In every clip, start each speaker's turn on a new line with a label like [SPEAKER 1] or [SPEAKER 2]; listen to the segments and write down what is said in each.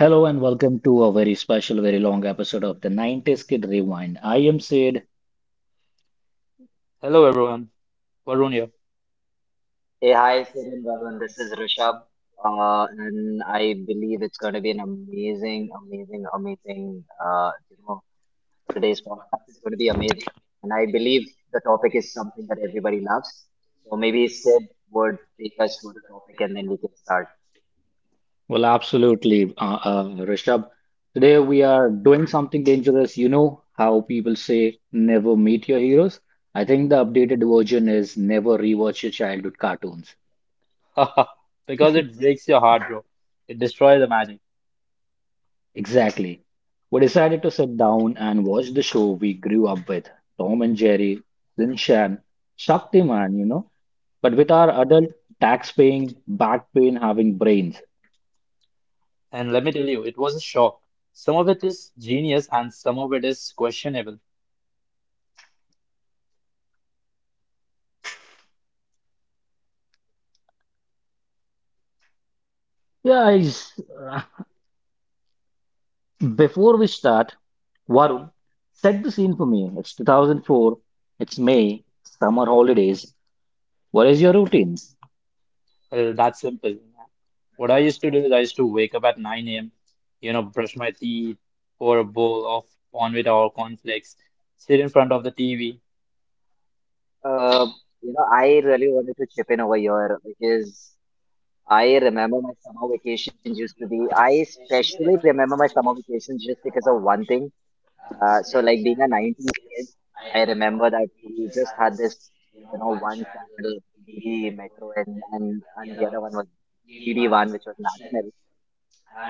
[SPEAKER 1] Hello and welcome to a very special, very long episode of the 90s Kid Rewind. I am Sid.
[SPEAKER 2] Hello everyone, Varun here.
[SPEAKER 3] Hey, hi, Sid and Varun. This is Rishabh, and I believe it's going to be an amazing, amazing, amazing. Today's podcast is going to be amazing, and I believe the topic is something that everybody loves. So maybe Sid would take us through the topic, and then we can start.
[SPEAKER 1] Well, absolutely, Rishabh. Today we are doing something dangerous. You know how people say never meet your heroes? I think the updated version is never rewatch your childhood cartoons.
[SPEAKER 2] Because it breaks your heart, bro. It destroys the magic.
[SPEAKER 1] Exactly. We decided to sit down and watch the show we grew up with: Tom and Jerry, Shin Chan, Shaktiman, you know, but with our adult tax paying, back pain having brains.
[SPEAKER 2] And let me tell you, it was a shock. Some of it is genius and some of it is questionable.
[SPEAKER 1] Yeah, I s uh, Before we start, Varun, set the scene for me. It's 2004, it's May, summer holidays. What is your routines?
[SPEAKER 2] Well, that's simple. What I used to do is I used to wake up at 9 a.m., you know, brush my teeth, pour a bowl of cornflakes or cornflakes, sit in front of the TV.
[SPEAKER 3] Uh, you know, I really wanted to chip in over here because I remember my summer vacations used to be. I especially remember my summer vacations just because of one thing. So like being a 90s kid, I remember that we just had this, you know, one channel, DD Metro, and the other one was DD1, which was national.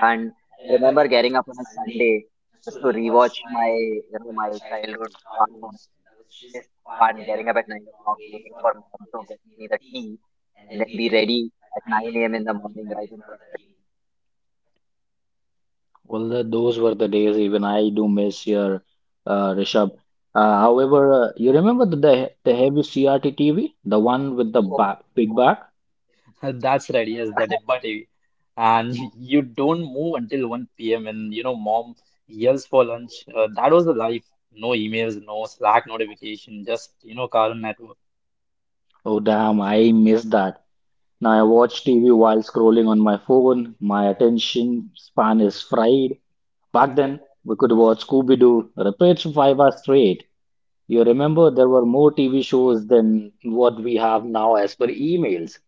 [SPEAKER 3] And I remember getting up on a Sunday just to rewatch my, you know, my childhood cartoon. Just fun, getting up at 9 o'clock, waiting for mom to get me the tea, and then be ready at 9 a.m. in the morning right in front of the TV.
[SPEAKER 1] Well, those were the days, even I do miss your Rishabh. However, you remember the heavy CRT TV, the one with the ba big back?
[SPEAKER 2] That's right. Yes, the Dabba TV. And you don't move until 1 p.m. and you know, mom yells for lunch. That was the life. No emails, no Slack notification, just you know, Cartoon Network.
[SPEAKER 1] Oh damn, I missed that. Now I watch TV while scrolling on my phone. My attention span is fried. Back then, we could watch Scooby-Doo repeats for 5 hours straight. You remember there were more TV shows than what we have now as per emails.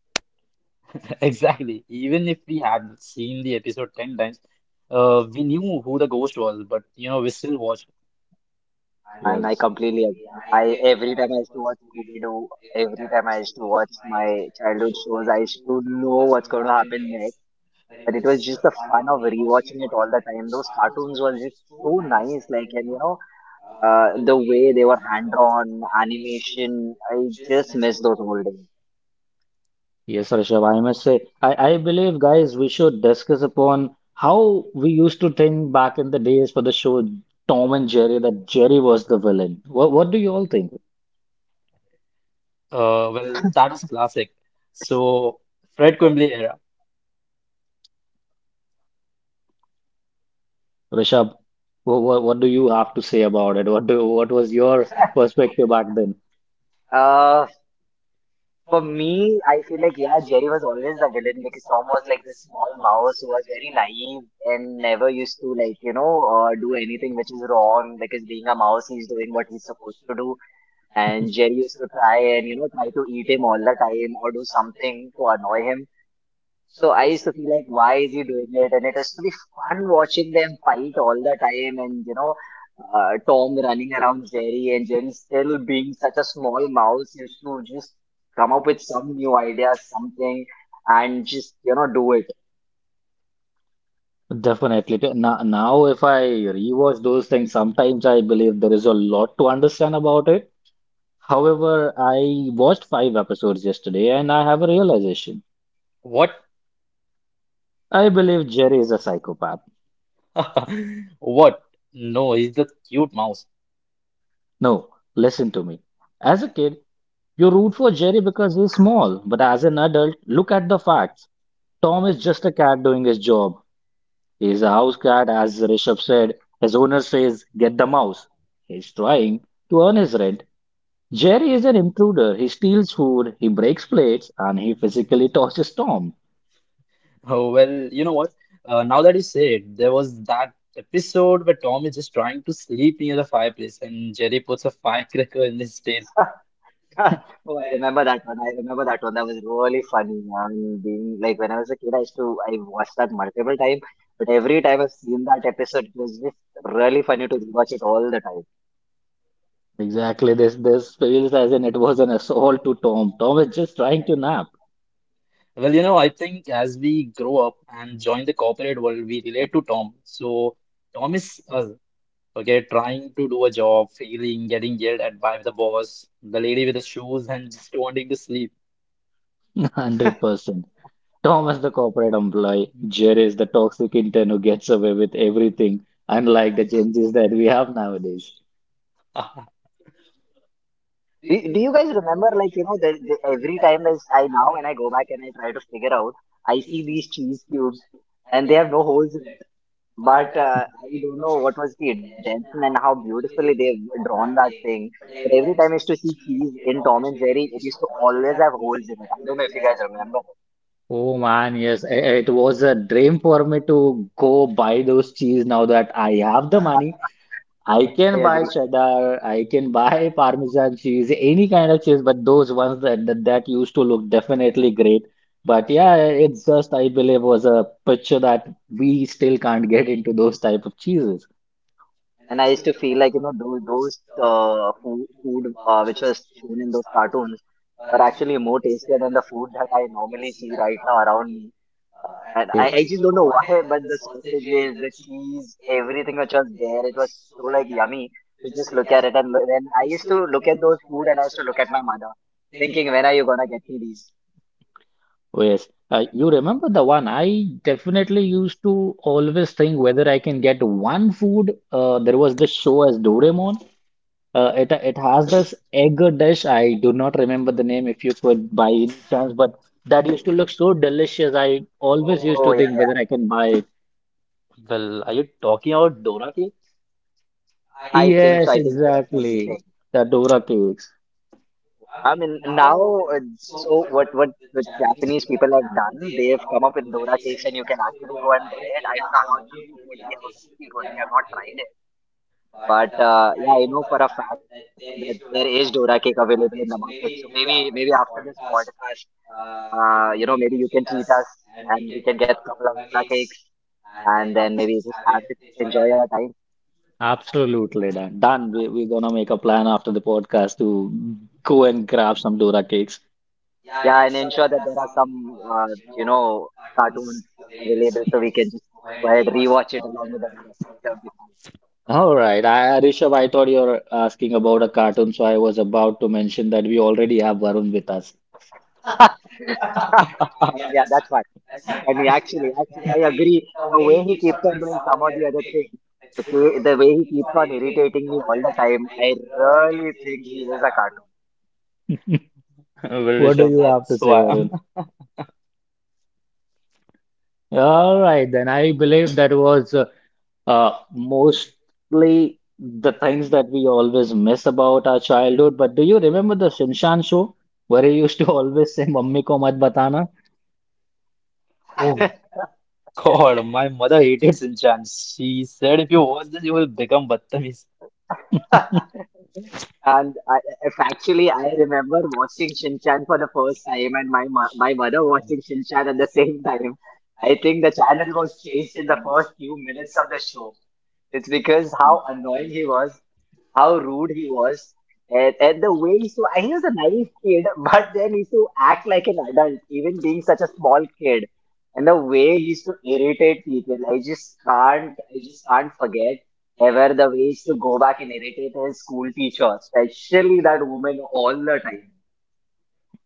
[SPEAKER 2] Exactly. Even if we had seen the episode 10 times, we knew who the ghost was, but you know, we still watched.
[SPEAKER 3] And I
[SPEAKER 1] Yes.
[SPEAKER 3] completely agree. I Every time I used to watch Scooby Doo, every time I used to watch my childhood shows, I used to know what's going to happen next. But it was just the fun of rewatching it all the time. Those cartoons were just so nice, like, and you know, the way they were hand drawn, animation. I just miss those old days.
[SPEAKER 1] Yes, Rishabh, I must say, I believe, guys, we should discuss upon how we used to think back in the days for the show Tom and Jerry, that Jerry was the villain. What do you all think,
[SPEAKER 2] Well, that was classic. So, Fred Quimbley era.
[SPEAKER 1] Rishabh? What do you have to say about it? What was your perspective back then?
[SPEAKER 3] Uh, For me, I feel like yeah, Jerry was always the villain because Tom was like this small mouse who was very naive and never used to like, you know, do anything which is wrong because being a mouse, he's doing what he's supposed to do, and Jerry used to try and, you know, try to eat him all the time or do something to annoy him. So I used to feel like, why is he doing it? And it used to be fun watching them fight all the time, and you know, Tom running around Jerry, and Jerry still being such a small mouse, used to just come up with some new idea, something, and just, you know, do it.
[SPEAKER 1] Definitely. Now, if I rewatch those things, sometimes I believe there is a lot to understand about it. However, I watched five episodes yesterday and I have a realization.
[SPEAKER 2] What?
[SPEAKER 1] I believe Jerry is a psychopath.
[SPEAKER 2] What? No, he's the cute mouse.
[SPEAKER 1] No, listen to me. As a kid, you root for Jerry because he's small, but as an adult, look at the facts. Tom is just a cat doing his job. He is a house cat, as Rishabh said. His owner says, "Get the mouse." He's trying to earn his rent. Jerry is an intruder. He steals food, he breaks plates, and he physically tortures Tom.
[SPEAKER 2] Oh, well, you know what? Now that you say it, there was that episode where Tom is just trying to sleep near the fireplace and Jerry puts a firecracker in his tail.
[SPEAKER 3] Oh, I remember that one. I remember that one. That was really funny. I mean, being like when I was a kid, I used to I watched that multiple time, but every time I've seen that episode, it was just really funny to rewatch it all the time.
[SPEAKER 1] Exactly, this feels as in it was an assault to Tom. Tom is just trying to nap.
[SPEAKER 2] Well, you know, I think as we grow up and join the corporate world, we relate to Tom. So, Tom is us, okay, trying to do a job, failing, getting yelled at by the boss, the lady with the shoes, and just wanting to sleep.
[SPEAKER 1] 100%. Tom is the corporate employee, Jerry is the toxic intern who gets away with everything, unlike the changes that we have nowadays.
[SPEAKER 3] Do you guys remember, like, you know, every time I now when I go back and I try to figure out, I see these cheese cubes and they have no holes in it. But I don't know what was the intention and how beautifully they've drawn that thing. But every time I used to see cheese in Tom and Jerry, it used to always have holes in it. I don't know if you guys remember.
[SPEAKER 1] Oh man, yes, it was a dream for me to go buy those cheese now that I have the money. I
[SPEAKER 3] I
[SPEAKER 1] can buy
[SPEAKER 3] agree.
[SPEAKER 1] cheddar, I can buy Parmesan cheese, any kind of cheese, but those ones that used to look definitely great. But yeah, it's just I believe was a picture that we still can't get into those type of cheeses.
[SPEAKER 3] And I used to feel like, you know, those food which was shown in those cartoons are actually more tastier than the food that I normally see right now around me. And I just don't know why, but the sausages, the cheese, everything which was there, it was so like yummy to just look at it. And then I used to look at those food and I used to look at my mother, thinking, when are you gonna get me these?
[SPEAKER 1] Yes, you remember the one? I definitely used to always think whether I can get one food. There was this show as Doraemon. It has this egg dish. I do not remember the name if you could by any chance, but that used to look so delicious. I always used
[SPEAKER 3] Oh
[SPEAKER 1] to
[SPEAKER 3] yeah,
[SPEAKER 1] think whether I
[SPEAKER 3] yeah.
[SPEAKER 1] can buy it.
[SPEAKER 2] Well, are you talking about Dora Key?
[SPEAKER 3] I think so.
[SPEAKER 1] Yes,
[SPEAKER 3] I think so. That's what he's
[SPEAKER 1] exactly.
[SPEAKER 3] saying.
[SPEAKER 1] The Dora cakes.
[SPEAKER 3] I mean, now, so what? What the Japanese people have done? They have come up with dora cakes, and you can actually go and buy it. I don't know how yummy it would be, how tasty it would be. I've not tried it. But yeah, I know for a fact that there is Dora cake available in the market. So maybe after this podcast, you know, maybe you can treat us and we can get a couple of Dora cakes and then maybe
[SPEAKER 1] Abs-
[SPEAKER 3] just have it, enjoy our time.
[SPEAKER 1] Absolutely done. Done. We're gonna make a plan after the podcast to go and grab some Dora cakes.
[SPEAKER 3] Yeah, and ensure that there are some you know, cartoons available so we can just go ahead rewatch it along with the Dora cake. That
[SPEAKER 1] All right, Rishabh, I thought you were asking about a cartoon, so I was about to mention that we already have Varun with us.
[SPEAKER 3] would be fun. Yeah, that's fine. And he actually, I agree. The way he keeps on doing some of the other things, the way he keeps on irritating me all the time, I really think he is a cartoon.
[SPEAKER 2] Well,
[SPEAKER 1] What do
[SPEAKER 2] Rishabh,
[SPEAKER 1] you have
[SPEAKER 2] that's
[SPEAKER 1] to
[SPEAKER 2] who
[SPEAKER 1] say,
[SPEAKER 2] I am.
[SPEAKER 1] Varun? All right, then I believe that was mostly the things that we always miss about our childhood, but do you remember the Shinshan show where he used to always say, "Mummy ko mat batana"?
[SPEAKER 2] Oh God, my mother hated Sinchan. She said if you watch this, you will become Badtameez.
[SPEAKER 3] And I, if actually, I remember watching Shinchan for the first time, and my my mother watching Shinchan at the same time. I think the channel was changed in the first few minutes of the show. It's because how annoying he was, how rude he was, and the way he used to he was a naive kid but then he used to act like an adult even being such a small kid, and the way he used to irritate people. I just can't, I just can't forget ever the way he to go back and irritate his school teacher, especially that woman all the time.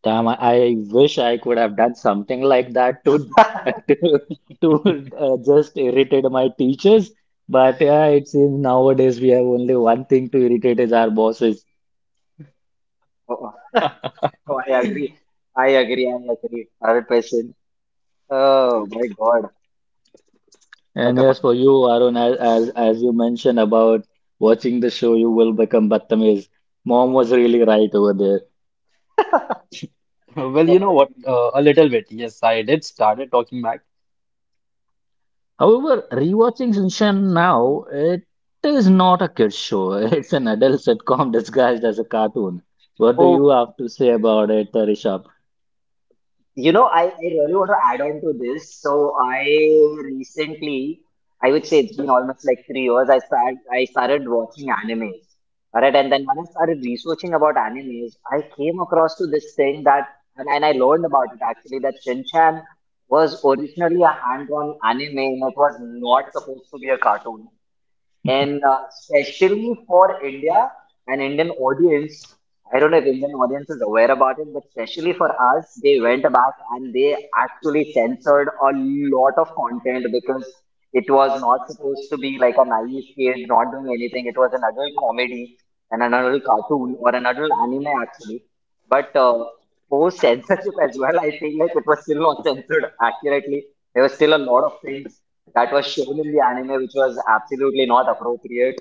[SPEAKER 1] Damn, I wish I could have done something like that too to to just irritate my teachers. But yeah, it seems nowadays we have only one thing to irritate, is our bosses.
[SPEAKER 3] oh, oh, oh, I agree, I agree, I agree, other person. Oh my God, such
[SPEAKER 1] And
[SPEAKER 3] a fun.
[SPEAKER 1] yes, for you, Arun, as as you mentioned about watching the show, you will become Batamiz. Mom was really right over there.
[SPEAKER 2] Well,
[SPEAKER 3] Oh,
[SPEAKER 2] you
[SPEAKER 3] I
[SPEAKER 2] know what?
[SPEAKER 3] agree.
[SPEAKER 2] A little bit. Yes, I did started talking back.
[SPEAKER 1] However, rewatching Shinchan now, it is not a kid's show. It's an adult sitcom disguised as a cartoon. What do you
[SPEAKER 3] Oh,
[SPEAKER 1] have to say about it, Rishabh?
[SPEAKER 3] you know, I really want to add on to this. So I recently, I would say it's been almost like 3 years. I started watching animes, alright. And then when I started researching about animes, I came across to this thing that, and I learned about it actually that Shinchan was originally a hand-drawn anime and it was not supposed to be a cartoon. And especially for India and Indian audience, I don't know if Indian audience is aware about it, but especially for us, they went back and they actually censored a lot of content because it was not supposed to be like a naive kid not doing anything. It was an adult comedy and an adult cartoon or an adult anime actually. But post censorship as well, I feel like it was still not censored accurately. There was still a lot of things that was shown in the anime, which was absolutely not appropriate.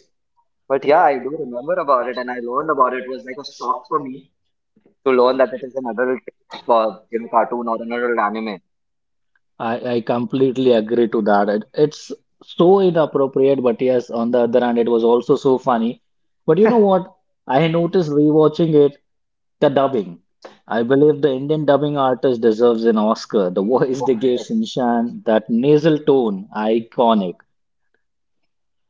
[SPEAKER 3] But yeah, I do remember about it, and I learned about it. It was like a shock for me to learn that it is an adult, you know, cartoon or an adult anime.
[SPEAKER 1] I completely agree to that. It's so inappropriate, but yes, on the other hand, it was also so funny. But you know what? I noticed rewatching it, the dubbing. I believe the Indian dubbing artist deserves an Oscar. The voice they gave
[SPEAKER 3] 100%.
[SPEAKER 1] Sinchan, that nasal tone, iconic.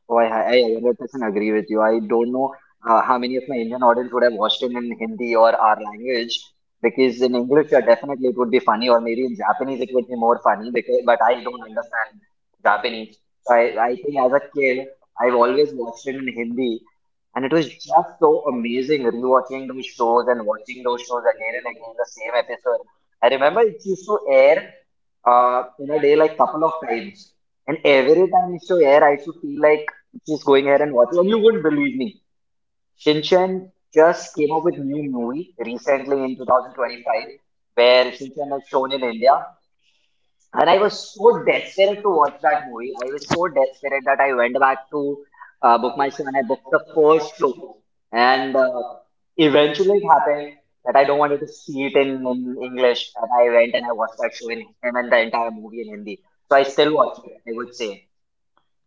[SPEAKER 3] Oh, I 100% agree with you. I don't know how many of my Indian audience would have watched it in Hindi or our language, because in English, yeah, definitely it would be funny, or maybe in Japanese it would be more funny. Because, but I don't understand Japanese, so I think as a kid, I've always watched it in Hindi. And it was just so amazing rewatching those shows and watching those shows again and again, the same episode. I remember it used to air in a day like couple of times. And every time it used to air, I used to feel like just going ahead and watching. And you wouldn't believe me. Shinchan just came up with new movie recently in 2025, where Shinchan is shown in India. And I was so desperate to watch that movie. I was so desperate that I went back to book my show and I booked the first show. And eventually it happened that I don't wanted to see it in English, and I went and I watched that show in and then the entire movie in Hindi. So I still watch it. I would say I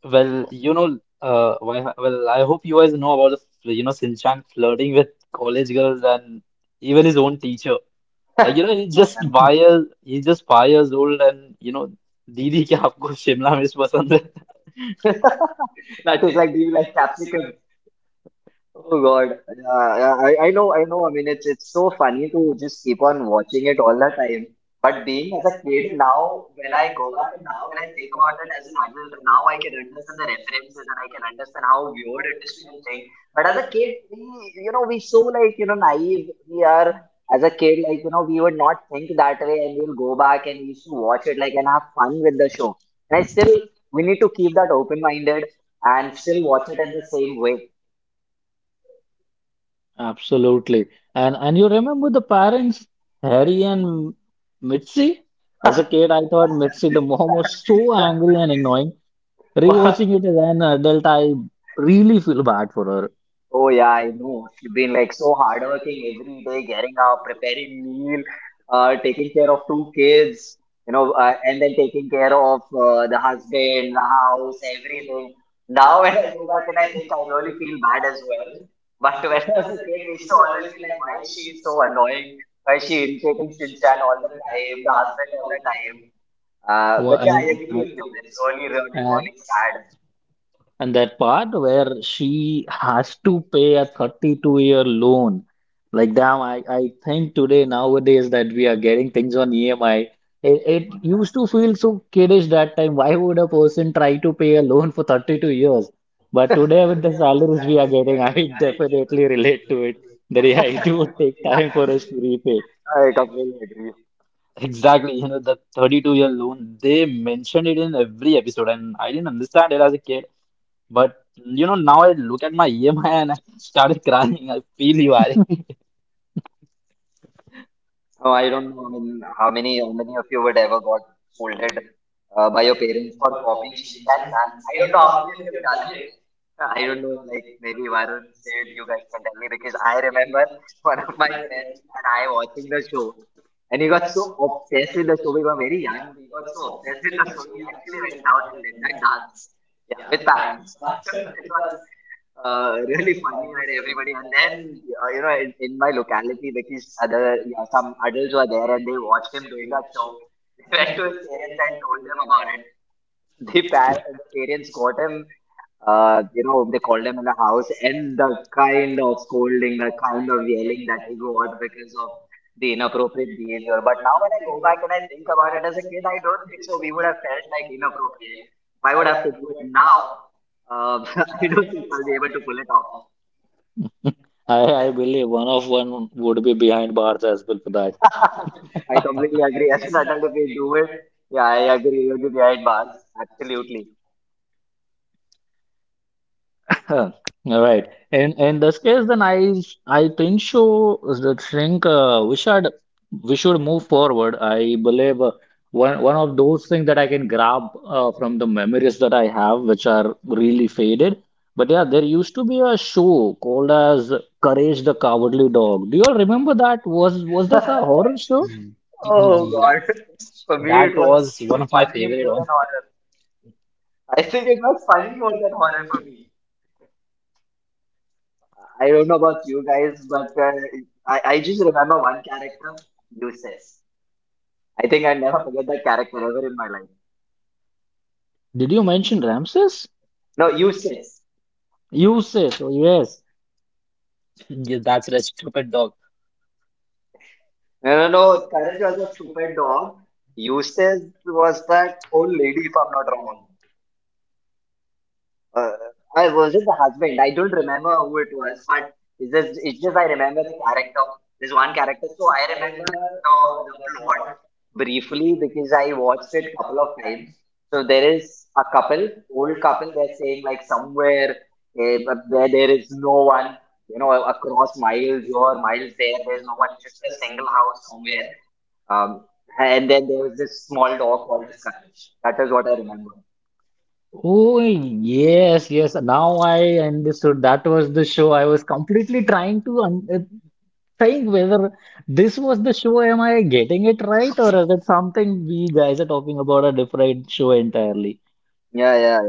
[SPEAKER 2] Well, you know, well, I hope you guys know about the, fl- you know, Sinchan flirting with college girls and even his own teacher. Like, you know, he's just
[SPEAKER 3] remember.
[SPEAKER 2] 5 years, he's just 5 years old and, you know, Didi क्या आपको शिमला मिर्च पसंद है
[SPEAKER 3] That is like, do you like capsicum? Oh God, yeah, yeah, I know, I know. I mean, it's so funny to just keep on watching it all the time. But being as a kid now, when I go back and now when I think about it as an adult, now I can understand the references and I can understand how weird it is to even think. But as a kid, we, you know, we so like, you know, naive. We are as a kid, like, you know, we would not think that way, and we'll go back and we used to watch it like and have fun with the show. And I still, we need to keep that open-minded and still watch it in the same way.
[SPEAKER 1] Absolutely. And you remember the parents, Harry and Mitzi? As a kid, I thought Mitzi, the mom, was so angry and annoying. Rewatching it as an adult, I really feel bad for her.
[SPEAKER 3] Oh yeah, I know. She's been like so hardworking every day, getting up, preparing meal, taking care of two kids, you know, and then taking care of the husband, the house, everything. Now when I go back and I think I really feel bad as well. But when I was a kid, we used to always feel like, why is she so annoying? Why is she irritating Shinchan all the time, the husband all the time? But
[SPEAKER 1] Wha-
[SPEAKER 3] yeah,
[SPEAKER 1] and,
[SPEAKER 3] I agree with you. It's really, really,
[SPEAKER 1] and,
[SPEAKER 3] really sad.
[SPEAKER 1] and that part where she has to pay a 32-year loan. Like, damn, I think today, nowadays, that we are getting things on EMI. It used to feel so kiddish that time. Why would a person try to pay a loan for 32 years? But today, with the salaries we are getting, I definitely relate to it. That yeah, it would take time for us to repay.
[SPEAKER 3] I completely agree.
[SPEAKER 2] Exactly, you know, the 32-year loan, they mentioned it in every episode, and I didn't understand it as a kid. But you know, now I look at my EMI and I started crying. I feel you are.
[SPEAKER 3] Oh, I don't know. I mean, how many of you would ever got scolded by your parents for copying Shilchand's dance? I don't know how many of you have done it. I don't know. Like maybe Varun said, you guys can tell me because I remember one of my friends and I watching the show, and he got so obsessed with the show. We were very young. We got so obsessed with the show. He actually went out and did that dance. Yeah, with pants. It was really funny when everybody and then you know in my locality because other, yeah, some adults were there and they watched him doing that show. They went to his parents and told them about it. The parents got him. You know, they called him in the house and the kind of scolding, the kind of yelling that he got because of the inappropriate behavior. But now when I go back and I think about it as a kid, I don't think so we would have felt like inappropriate if I would have to do it now. um, I don't think I'll be able to pull it off.
[SPEAKER 1] I believe one of one would be behind bars as well for that.
[SPEAKER 3] I completely agree. As an adult, if we do it, yeah, I agree. We'll be behind bars. Absolutely.
[SPEAKER 1] Huh. All right. In this case, then I think so. I think we should move forward. I believe one of those things that I can grab from the memories that I have, which are really faded. But yeah, there used to be a show called as Courage the Cowardly Dog. Do you all remember that? Was this a horror show?
[SPEAKER 2] Mm.
[SPEAKER 3] Oh God. For me,
[SPEAKER 2] That
[SPEAKER 3] it
[SPEAKER 2] that
[SPEAKER 3] was
[SPEAKER 2] was one of my
[SPEAKER 3] funny
[SPEAKER 2] favorite
[SPEAKER 3] more than
[SPEAKER 2] ones.
[SPEAKER 3] horror. I think it was funny more than horror for me. I don't know about you guys, but I just remember one character, Eustace. I think I'll never forget that character ever in my life.
[SPEAKER 1] Did you mention Ramses?
[SPEAKER 3] No, Eustace.
[SPEAKER 1] You say so, yes.
[SPEAKER 2] Yeah, that's a stupid dog.
[SPEAKER 3] No, no, no. Courage was a stupid dog. Eustace was that old lady, if I'm not wrong. Uh, I was it the husband? I don't remember who it was, but it's just I remember the character. There's one character, so I remember the plot briefly because I watched it couple of times. So there is a couple, old couple. They're staying like somewhere eh, but where there is no one. You know, across miles here, miles there. There's no one. It's just a single house somewhere. And then there was this small dog called a Karan. That is what I remember.
[SPEAKER 1] Oh, yes, yes. Now I understood that was the show. I was completely trying to un think whether this was the show. Am I getting it right, or is it something we guys are talking about a different show entirely?
[SPEAKER 3] Yeah, yeah.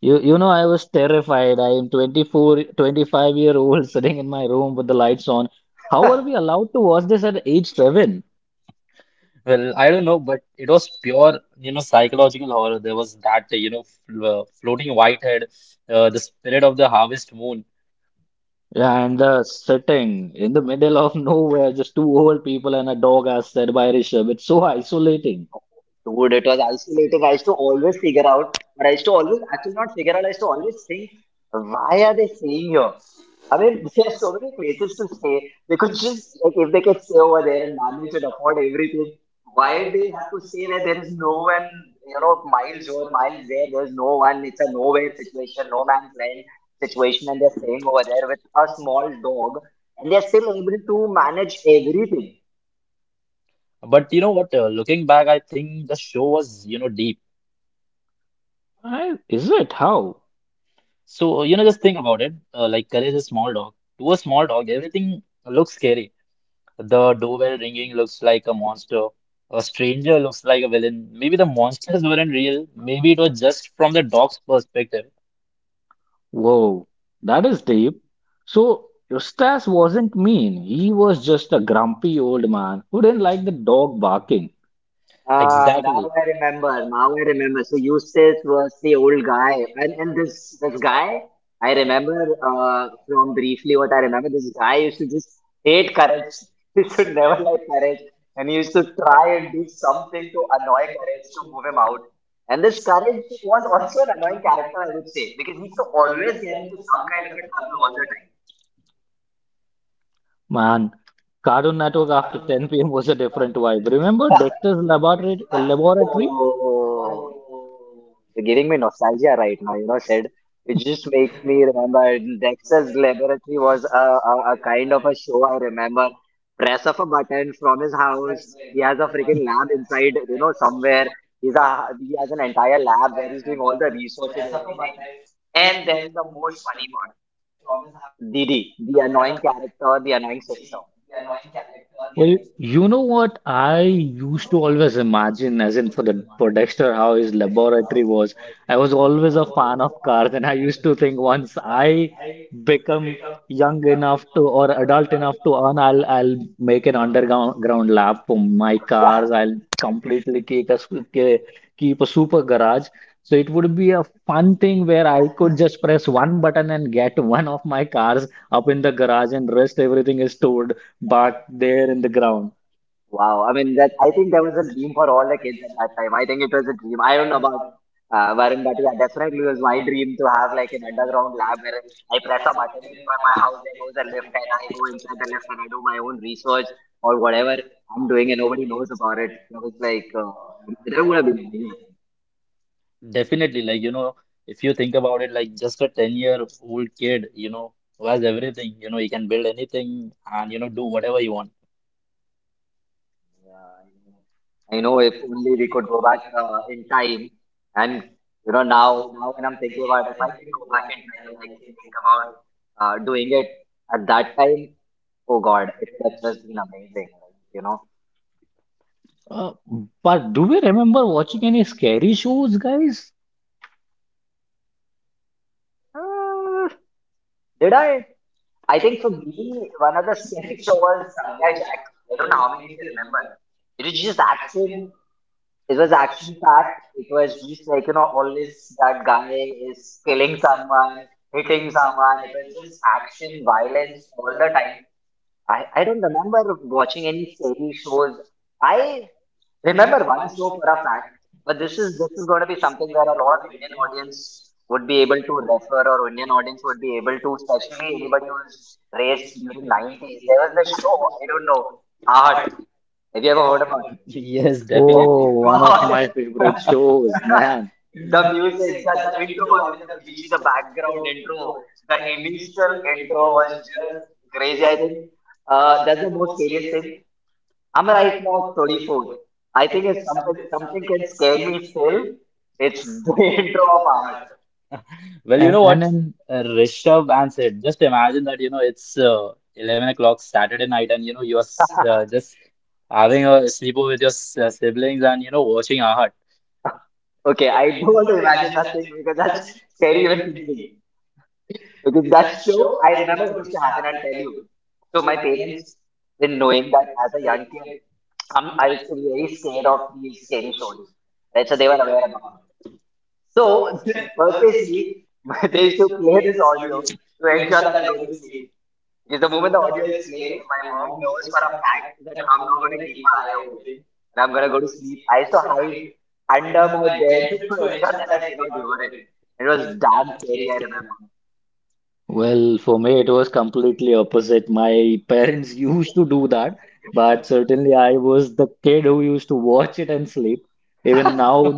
[SPEAKER 1] You know, I was terrified. I am 24, 25 year old sitting in my room with the lights on. How are we allowed to watch this at age seven?
[SPEAKER 2] Well, I don't know, but it was pure, you know, psychological horror. There was that, you know, fl floating white head, the spirit of the harvest moon.
[SPEAKER 1] And sitting in the middle of nowhere, just two old people and a dog, as said by Rishabh. It's so isolating.
[SPEAKER 3] Dude, it was isolating. I used to always figure out, or I used to always actually not figure out. I used to always think, why are they staying here? I mean, there are so many places to stay. They could just like if they can stay over there and manage and afford everything, why do they have to stay there? There is no one, you know, miles over, miles there. There's no one. It's a nowhere situation, no man's land situation, and they're staying over there with a small dog, and they're still able to manage everything.
[SPEAKER 2] But you know what? Looking back, I think the show was, you know, deep.
[SPEAKER 1] I, is it? How?
[SPEAKER 2] So, you know, just think about it. Like, Courage is a small dog. To a small dog, everything looks scary. The doorbell ringing looks like a monster. A stranger looks like a villain. Maybe the monsters weren't real. Maybe it was just from the dog's perspective.
[SPEAKER 1] Whoa, that is deep. So Eustace wasn't mean. He was just a grumpy old man who didn't like the dog barking.
[SPEAKER 3] Ah, now
[SPEAKER 2] Exactly.
[SPEAKER 3] I remember. Now I remember. So Eustace was the old guy, and this this guy I remember from briefly what I remember. This guy used to just hate courage. He used to never like courage, and he used to try and do something to annoy courage to move him out. And this courage was also an annoying character, I would say, because he used to always get into some kind of a trouble all the
[SPEAKER 1] Man, Cartoon Network after 10 p.m. was a different vibe. Remember Dexter's Laboratory? Laboratory?
[SPEAKER 3] time. Oh. You're giving me nostalgia right now, you know, Said. It just makes me remember Dexter's Laboratory was a kind of a show I remember. Press of a button from his house. He has a freaking lab inside, you know, somewhere. He has an entire lab where he's doing all the research and everything. And then the most funny part, Didi, the annoying character, the annoying sister.
[SPEAKER 1] Well, you know what I used to always imagine, as in for the for Dexter, how his laboratory was. I was always a fan of cars, and I used to think once I become young enough to, or adult enough to earn, I'll make an underground ground lab for my cars. I'll completely keep a super garage. So it would be a fun thing where I could just press one button and get one of my cars up in the garage, and rest everything is stored but they're in the ground.
[SPEAKER 3] Wow. I mean, that I think that was a dream for all the kids at that time. I think it was a dream. I don't know about Varun, but yeah, definitely it was my dream to have like an underground lab where I press a button in front of my house, there goes a lift, and I go inside the lift and I do my own research or whatever I'm doing, and nobody knows about it. That was like, that would have been amazing.
[SPEAKER 2] Definitely, like you know, if you think about it, like just a 10-year-old kid, you know, who has everything, you know, he can build anything and you know, do whatever he want.
[SPEAKER 3] Yeah, I know. I know if only we could go back in time, and you know now when I'm thinking about if I can go back in time and I can think about doing it at that time, oh God, it would have just been amazing, right? You know,
[SPEAKER 1] Uh, but do we remember watching any scary shows, guys?
[SPEAKER 3] Uh, did I? I think for me, one of the scary show was Samurai Jack. I don't know how many of you remember. It was just action. It was action packed. It was just like, you know, always that guy is killing someone, hitting someone. It was just action, violence all the time. I don't remember watching any scary shows. I remember one show for a fact, but this is going to be something where a lot of Indian audience would be able to refer, or Indian audience would be able to, especially anybody who was raised during 90s. There was this show, I don't know, Art. Have you ever heard about it?
[SPEAKER 2] Yes,
[SPEAKER 3] Oh
[SPEAKER 2] definitely.
[SPEAKER 1] Oh, one of
[SPEAKER 3] God.
[SPEAKER 1] My favorite shows, man.
[SPEAKER 3] The music, the intro, I mean the BG, the background intro, the initial intro was just crazy. I think that's the most scariest thing. I'm right now 34. I think if something can scare me still, it's the intro of Art.
[SPEAKER 2] Well, you
[SPEAKER 1] and
[SPEAKER 2] know
[SPEAKER 1] and
[SPEAKER 2] what?
[SPEAKER 1] then
[SPEAKER 2] Rishabh answered. Just imagine that, you know, it's 11 o'clock Saturday night and, you know, you're just having a sleepover with your siblings and, you know, watching Aahat.
[SPEAKER 3] Okay, I don't want to imagine that thing because that's scary even thinking. Because that show, I remember what used to happen. I'll tell you. So my parents, in knowing that as a young kid, I used to be very scared of these scary shows. Right, so they were aware about. So purposely, they used to play this audio to ensure that I go to sleep. Because the moment the audio is played, my mom knows for a fact that I'm not gonna keep my eye open and I'm gonna go to sleep. I used to hide under my bed to ensure that I cannot hear it. It was damn scary, I remember.
[SPEAKER 1] well, for me, it was completely opposite. My parents used to do that, but certainly I was the kid who used to watch it and sleep. Even now,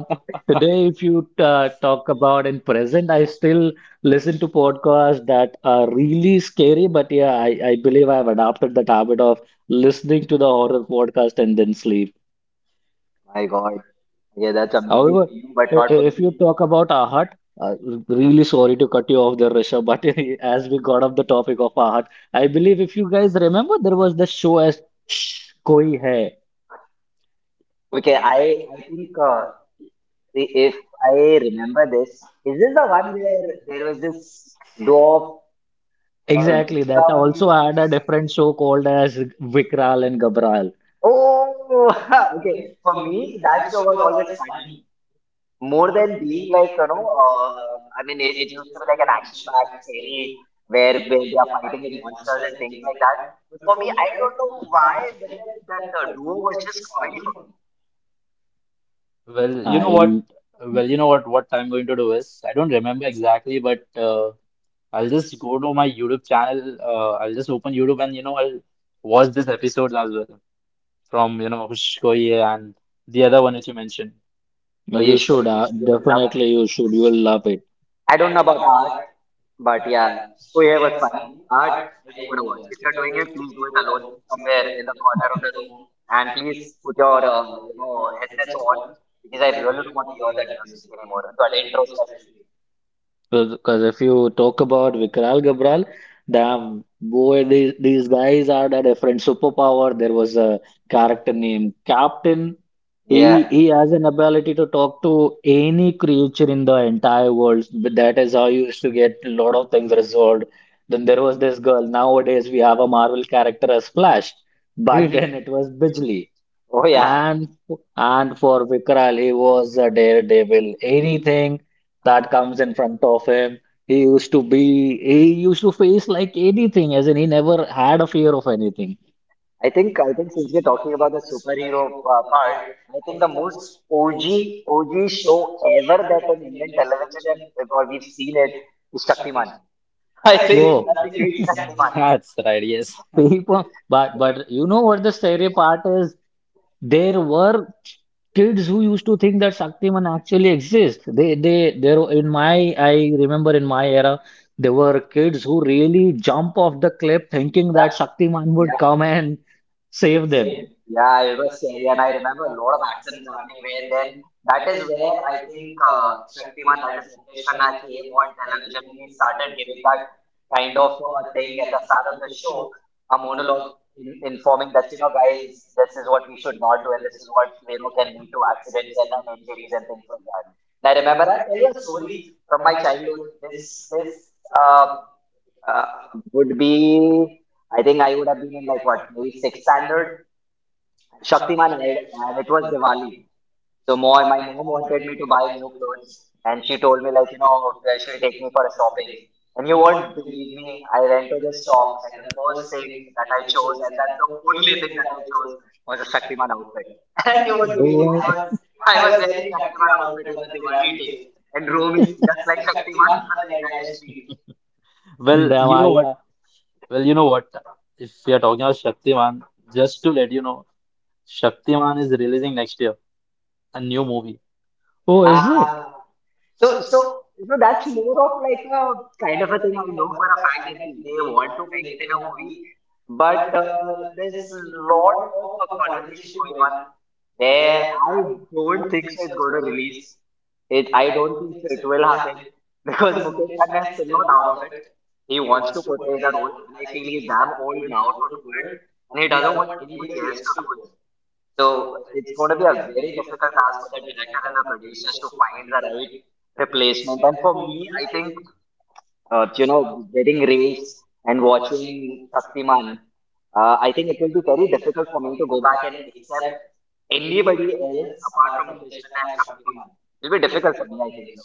[SPEAKER 1] today, if you talk about in present, I still listen to podcasts that are really scary. But yeah, I believe I've adopted that habit of listening to the horror podcast and then sleep.
[SPEAKER 3] My God. Yeah, that's amazing
[SPEAKER 1] However,
[SPEAKER 3] for you, but not for
[SPEAKER 1] if
[SPEAKER 3] me.
[SPEAKER 1] you talk about Ahat, uh, really sorry to cut you off there, Rishabh, but as we got off the topic of Ahat, I believe if you guys remember, there was the show as Shh, Koi Hai.
[SPEAKER 3] Okay, I think if I remember this, is this the one where there was this dwarf,
[SPEAKER 1] Exactly, that
[SPEAKER 3] Vikram
[SPEAKER 1] also had a
[SPEAKER 3] something?
[SPEAKER 1] different show called as Vikral and Gabral.
[SPEAKER 3] Oh, okay. For me, that show was always funny. More than being like, you know, I mean, it used to be like an action-packed, scary, where they are fighting with monsters and things like that. But for me, I don't know why, but that, that duo was just comedy for me.
[SPEAKER 2] Well, you know
[SPEAKER 1] I,
[SPEAKER 2] what? What I'm going to do is, I don't remember exactly, but I'll just go to my YouTube channel. I'll just open YouTube and, you know, I'll watch this episode as well from, you know, Hush Koi and the other one which you mentioned.
[SPEAKER 3] Oh,
[SPEAKER 1] well,
[SPEAKER 3] you
[SPEAKER 1] you
[SPEAKER 3] should,
[SPEAKER 1] should,
[SPEAKER 3] you should, you would love it.
[SPEAKER 1] definitely you should, you will love it.
[SPEAKER 3] I don't know about. But yeah, so yeah, was funny. Art, I don't want to watch. If you're doing it, please do it alone, somewhere in the corner of the room, and please put your you know headsets on because I really don't want to hear that music anymore. That intro especially.
[SPEAKER 1] Because if you talk about Vikral Gabral, damn, boy, these guys had a different superpower. There was a character named Captain.
[SPEAKER 3] Yeah.
[SPEAKER 1] He he has an ability to talk to any creature in the entire world. But that is how you used to get a lot of things resolved. Then there was this girl. Nowadays we have a Marvel character as Flash. Back
[SPEAKER 3] Mhm.
[SPEAKER 1] then it was Bijli.
[SPEAKER 3] Oh yeah.
[SPEAKER 1] And and for Vikral, he was a daredevil. Anything that comes in front of him, he used to face like anything, as in he never had a fear of anything.
[SPEAKER 3] I think since we're talking about the superhero part, I think the most OG OG show ever that an Indian television have, or we've seen it is Shaktiman. I think
[SPEAKER 1] Whoa.
[SPEAKER 3] nothing beats Shaktiman.
[SPEAKER 2] That's right, yes.
[SPEAKER 1] People, but you know what the scary part is? There were kids who used to think that Shaktiman actually exists. In my, I remember in my era, there were kids who really jump off the cliff thinking
[SPEAKER 3] Yeah,
[SPEAKER 1] that Shaktiman would
[SPEAKER 3] yeah.
[SPEAKER 1] come and save them.
[SPEAKER 3] Yeah, it was scary, and I remember a lot of accidents happening there. And then that is where I think Shaktiman, that is Mukesh Khanna, came on television and he started giving that kind of a thing at the start of the show, a monologue informing that, you know, guys, this is what we should not do, and this is what, you know, can lead to accidents and injuries and things like that. And I remember, I'll tell you a story from my childhood. This uh, uh, would be, I think I would have been in like what, maybe sixth standard Shaktiman aired and it was Diwali. So my mom wanted me to buy new clothes and she told me like, you know, she'll take me for a shopping. And you won't believe me, I went to this shop and the first thing that I chose and that's the only thing that I chose was a Shaktiman outfit. And you
[SPEAKER 1] They
[SPEAKER 3] won't believe
[SPEAKER 1] were,
[SPEAKER 3] I was wearing Shaktiman outfit on a Diwali day and roaming just like Shaktiman on the entire street.
[SPEAKER 2] Well,
[SPEAKER 1] them,
[SPEAKER 2] you know what? Well, you know what? If we are talking about Shaktiman, just to let you know, Shaktiman is releasing next year a new movie.
[SPEAKER 1] oh,
[SPEAKER 3] Uh,
[SPEAKER 1] is it?
[SPEAKER 3] So, so, so that's more of like a kind of a thing I know for a fact that pe- they want to make it in a movie, but there's a lot of a conversation going on where I don't think so it's going to release it. I don't think so it will happen because Mukesh Khanna is still not out of it. He wants to portray the role, and I feel he's damn old now to do it, and he doesn't want anybody else to do it. So it's going to be a very difficult task for the director and the producers to find the right replacement. And for me, I think uh, you know, getting raised and watching Shaktiman, I think it will be very difficult for me to go back and accept anybody else apart from Mukesh Khanna and Shaktiman. It will be difficult for me, I think so.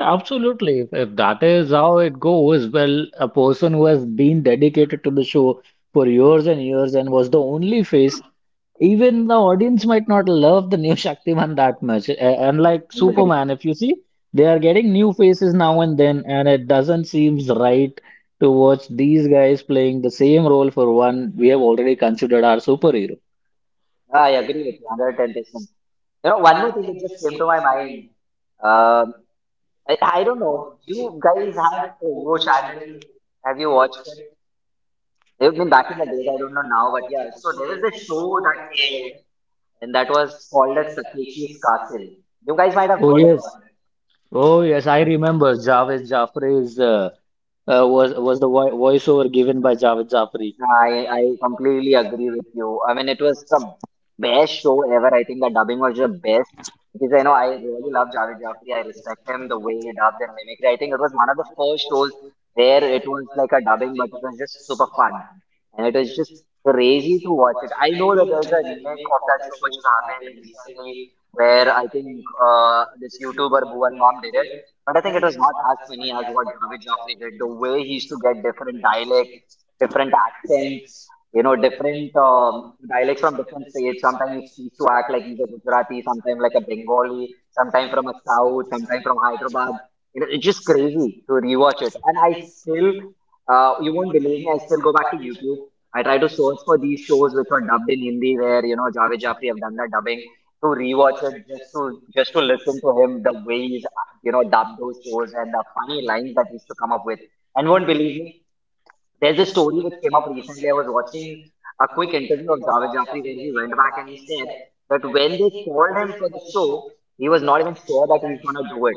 [SPEAKER 1] Absolutely. If that is how it goes, well, a person who has been dedicated to the show for years and years and was the only face, even the audience might not love the new Shaktiman that much. Unlike
[SPEAKER 3] I agree.
[SPEAKER 1] Superman, if you see, they are getting new faces now and then, and it doesn't seem right to watch these guys playing the same role for one we have already considered our superhero.
[SPEAKER 3] I agree with you, 110%. One more thing it just came to my mind. Um I don't know. You guys had Pogo channel. Have you watched it? I mean, back in the days, I don't know now, but yeah. So there was this show that aired, and that was called as Takeshi's Castle. You guys might have
[SPEAKER 1] Oh
[SPEAKER 3] heard about
[SPEAKER 1] yes.
[SPEAKER 3] it.
[SPEAKER 1] Oh yes, I remember Javed Jafri's was the voiceover given by Javed Zafri.
[SPEAKER 3] I completely agree with you. I mean, it was the best show ever. I think the dubbing was the best because I know I really love Javed Jaffri. I respect him the way he dubs and mimicry. I think it was one of the first shows where it was like a dubbing, but it was just super fun and it was just crazy to watch it. I know that there's a remake of that show which has happened recently where I think this YouTuber Bhuvan Mom did it. But I think it was not as funny as what Javed Jaffri did. The way he used to get different dialects, different accents, different dialects from different states. Sometimes he used to act like he's a Gujarati, sometimes like a Bengali, sometimes from a South, sometimes from Hyderabad. You know, it's just crazy to rewatch it. And I still, you won't believe me, I still go back to YouTube. I try to search for these shows which were dubbed in Hindi, where Javed Jaffri have done the dubbing to rewatch it, just to listen to him the way he's dubbed those shows and the funny lines that he used to come up with. And won't believe me, there's a story which came up recently. I was watching a quick interview of Javed Jaffri where he went back and he said that when they called him for the show, he was not even sure that he's gonna do it.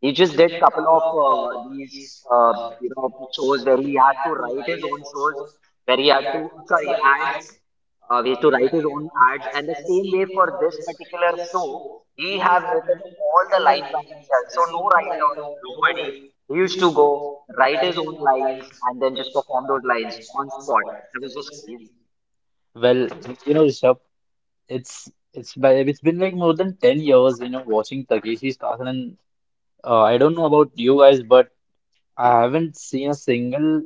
[SPEAKER 3] He just did couple of these you know shows where he had to write his own shows, where he had to, sorry, ads, ways to write his own ads, and the same way for this particular show he have written all the lines by himself. So no writer, nobody, he used to go write his own lines and then just perform those lines on spot. It was just crazy.
[SPEAKER 2] Well, you know, Rishabh, it's been like more than 10 years, you know, watching Takeshi's Castle and I don't know about you guys, but I haven't seen a single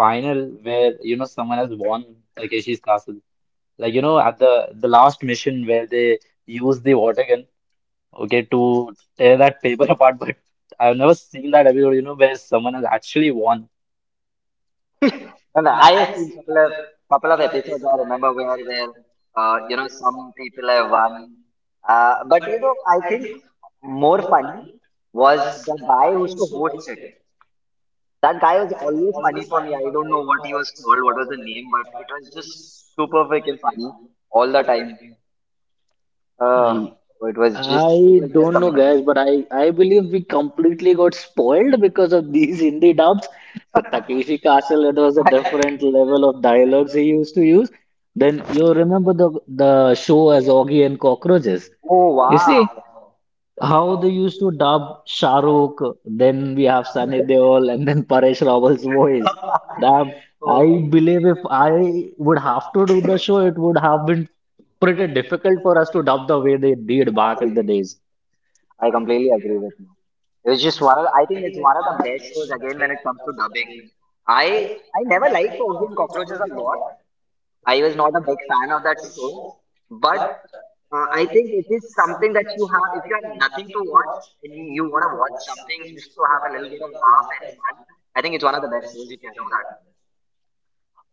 [SPEAKER 2] final where you know someone has won Takeshi's Castle. Like you know, at the last mission where they use the water gun, okay, to tear that paper apart, but I've never seen that episode, you know, where someone has actually won.
[SPEAKER 3] And I have seen couple of episodes I remember, where some people have won. But you know, I think more funny was the guy who used to host it. That guy was always funny for me. I don't know what he was called, what was the name, but it was just super freaking funny all the time. Uh,
[SPEAKER 1] I
[SPEAKER 3] it was just, it
[SPEAKER 1] I
[SPEAKER 3] was just
[SPEAKER 1] don't know,
[SPEAKER 3] amazing.
[SPEAKER 1] guys, but I believe we completely got spoiled because of these Hindi dubs. For Takeshi Castle, it was a
[SPEAKER 3] I agree.
[SPEAKER 1] different level of dialogues he used to use. Then you remember the show as Augie and Cockroaches.
[SPEAKER 3] Oh
[SPEAKER 1] You see
[SPEAKER 3] wow.
[SPEAKER 1] how they used to dub Shah Rukh, then we have Sunny Deol, and then Paresh Rawal's voice. Damn,
[SPEAKER 3] Oh,
[SPEAKER 1] I believe if I would have to do the show, it would have been pretty difficult for us to dub the way they did back in
[SPEAKER 3] agree.
[SPEAKER 1] the days.
[SPEAKER 3] I completely agree with you. It was just one of, I think it's one of the best shows again when it comes to dubbing. I I never liked Oggy and Cockroaches a lot. I was not a big fan of that show, but I think it is something that you have, if you have nothing to watch and you want to watch something just to have a little bit of laugh and fun, I think it's one of the best shows you can do that with.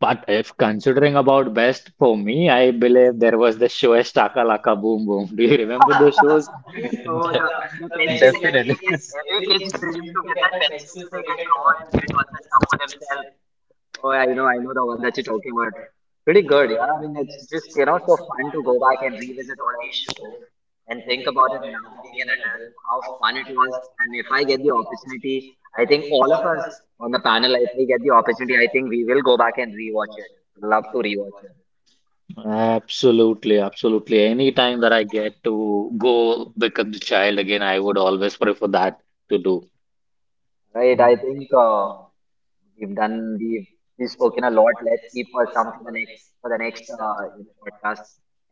[SPEAKER 1] But if considering about best for me, I believe there was the show as Chaka Laka Boom Boom. Do you remember those shows?
[SPEAKER 3] So the, the pencil,
[SPEAKER 2] Definitely.
[SPEAKER 3] every kid's dream to get that pencil so they can draw and get all the stuff for themselves. Oh, I know the one that you're talking about. Pretty good, yeah. I mean, it's just, you know, so fun to go back and revisit all these shows and think about it now being an adult, how fun it was. And if I get the opportunity, I think all of us on the panel, if we get the opportunity, I think we will go back and rewatch it, love to rewatch it.
[SPEAKER 1] Absolutely, absolutely. Any time that I get to go become the child again, I would always prefer that to do.
[SPEAKER 3] Right, I think we've done we've, we've spoken a lot. Let's keep for some for the next, podcast,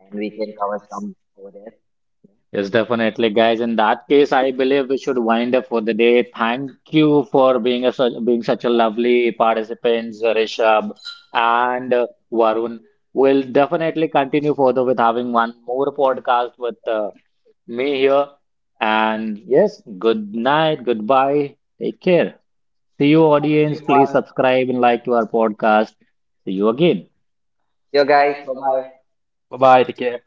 [SPEAKER 3] and we can cover some over there.
[SPEAKER 1] Yes, definitely, guys. In that case, I believe we should wind up for the day. Thank you for being a, such being such a lovely participant, Rishabh and Varun. We'll definitely continue further with having one more podcast with me here. And yes, good night, goodbye, take care. See you,
[SPEAKER 3] Thank you,
[SPEAKER 1] audience. Please
[SPEAKER 3] everyone.
[SPEAKER 1] subscribe and like to our podcast. See you again.
[SPEAKER 3] See you guys, bye bye.
[SPEAKER 2] Bye bye, take care.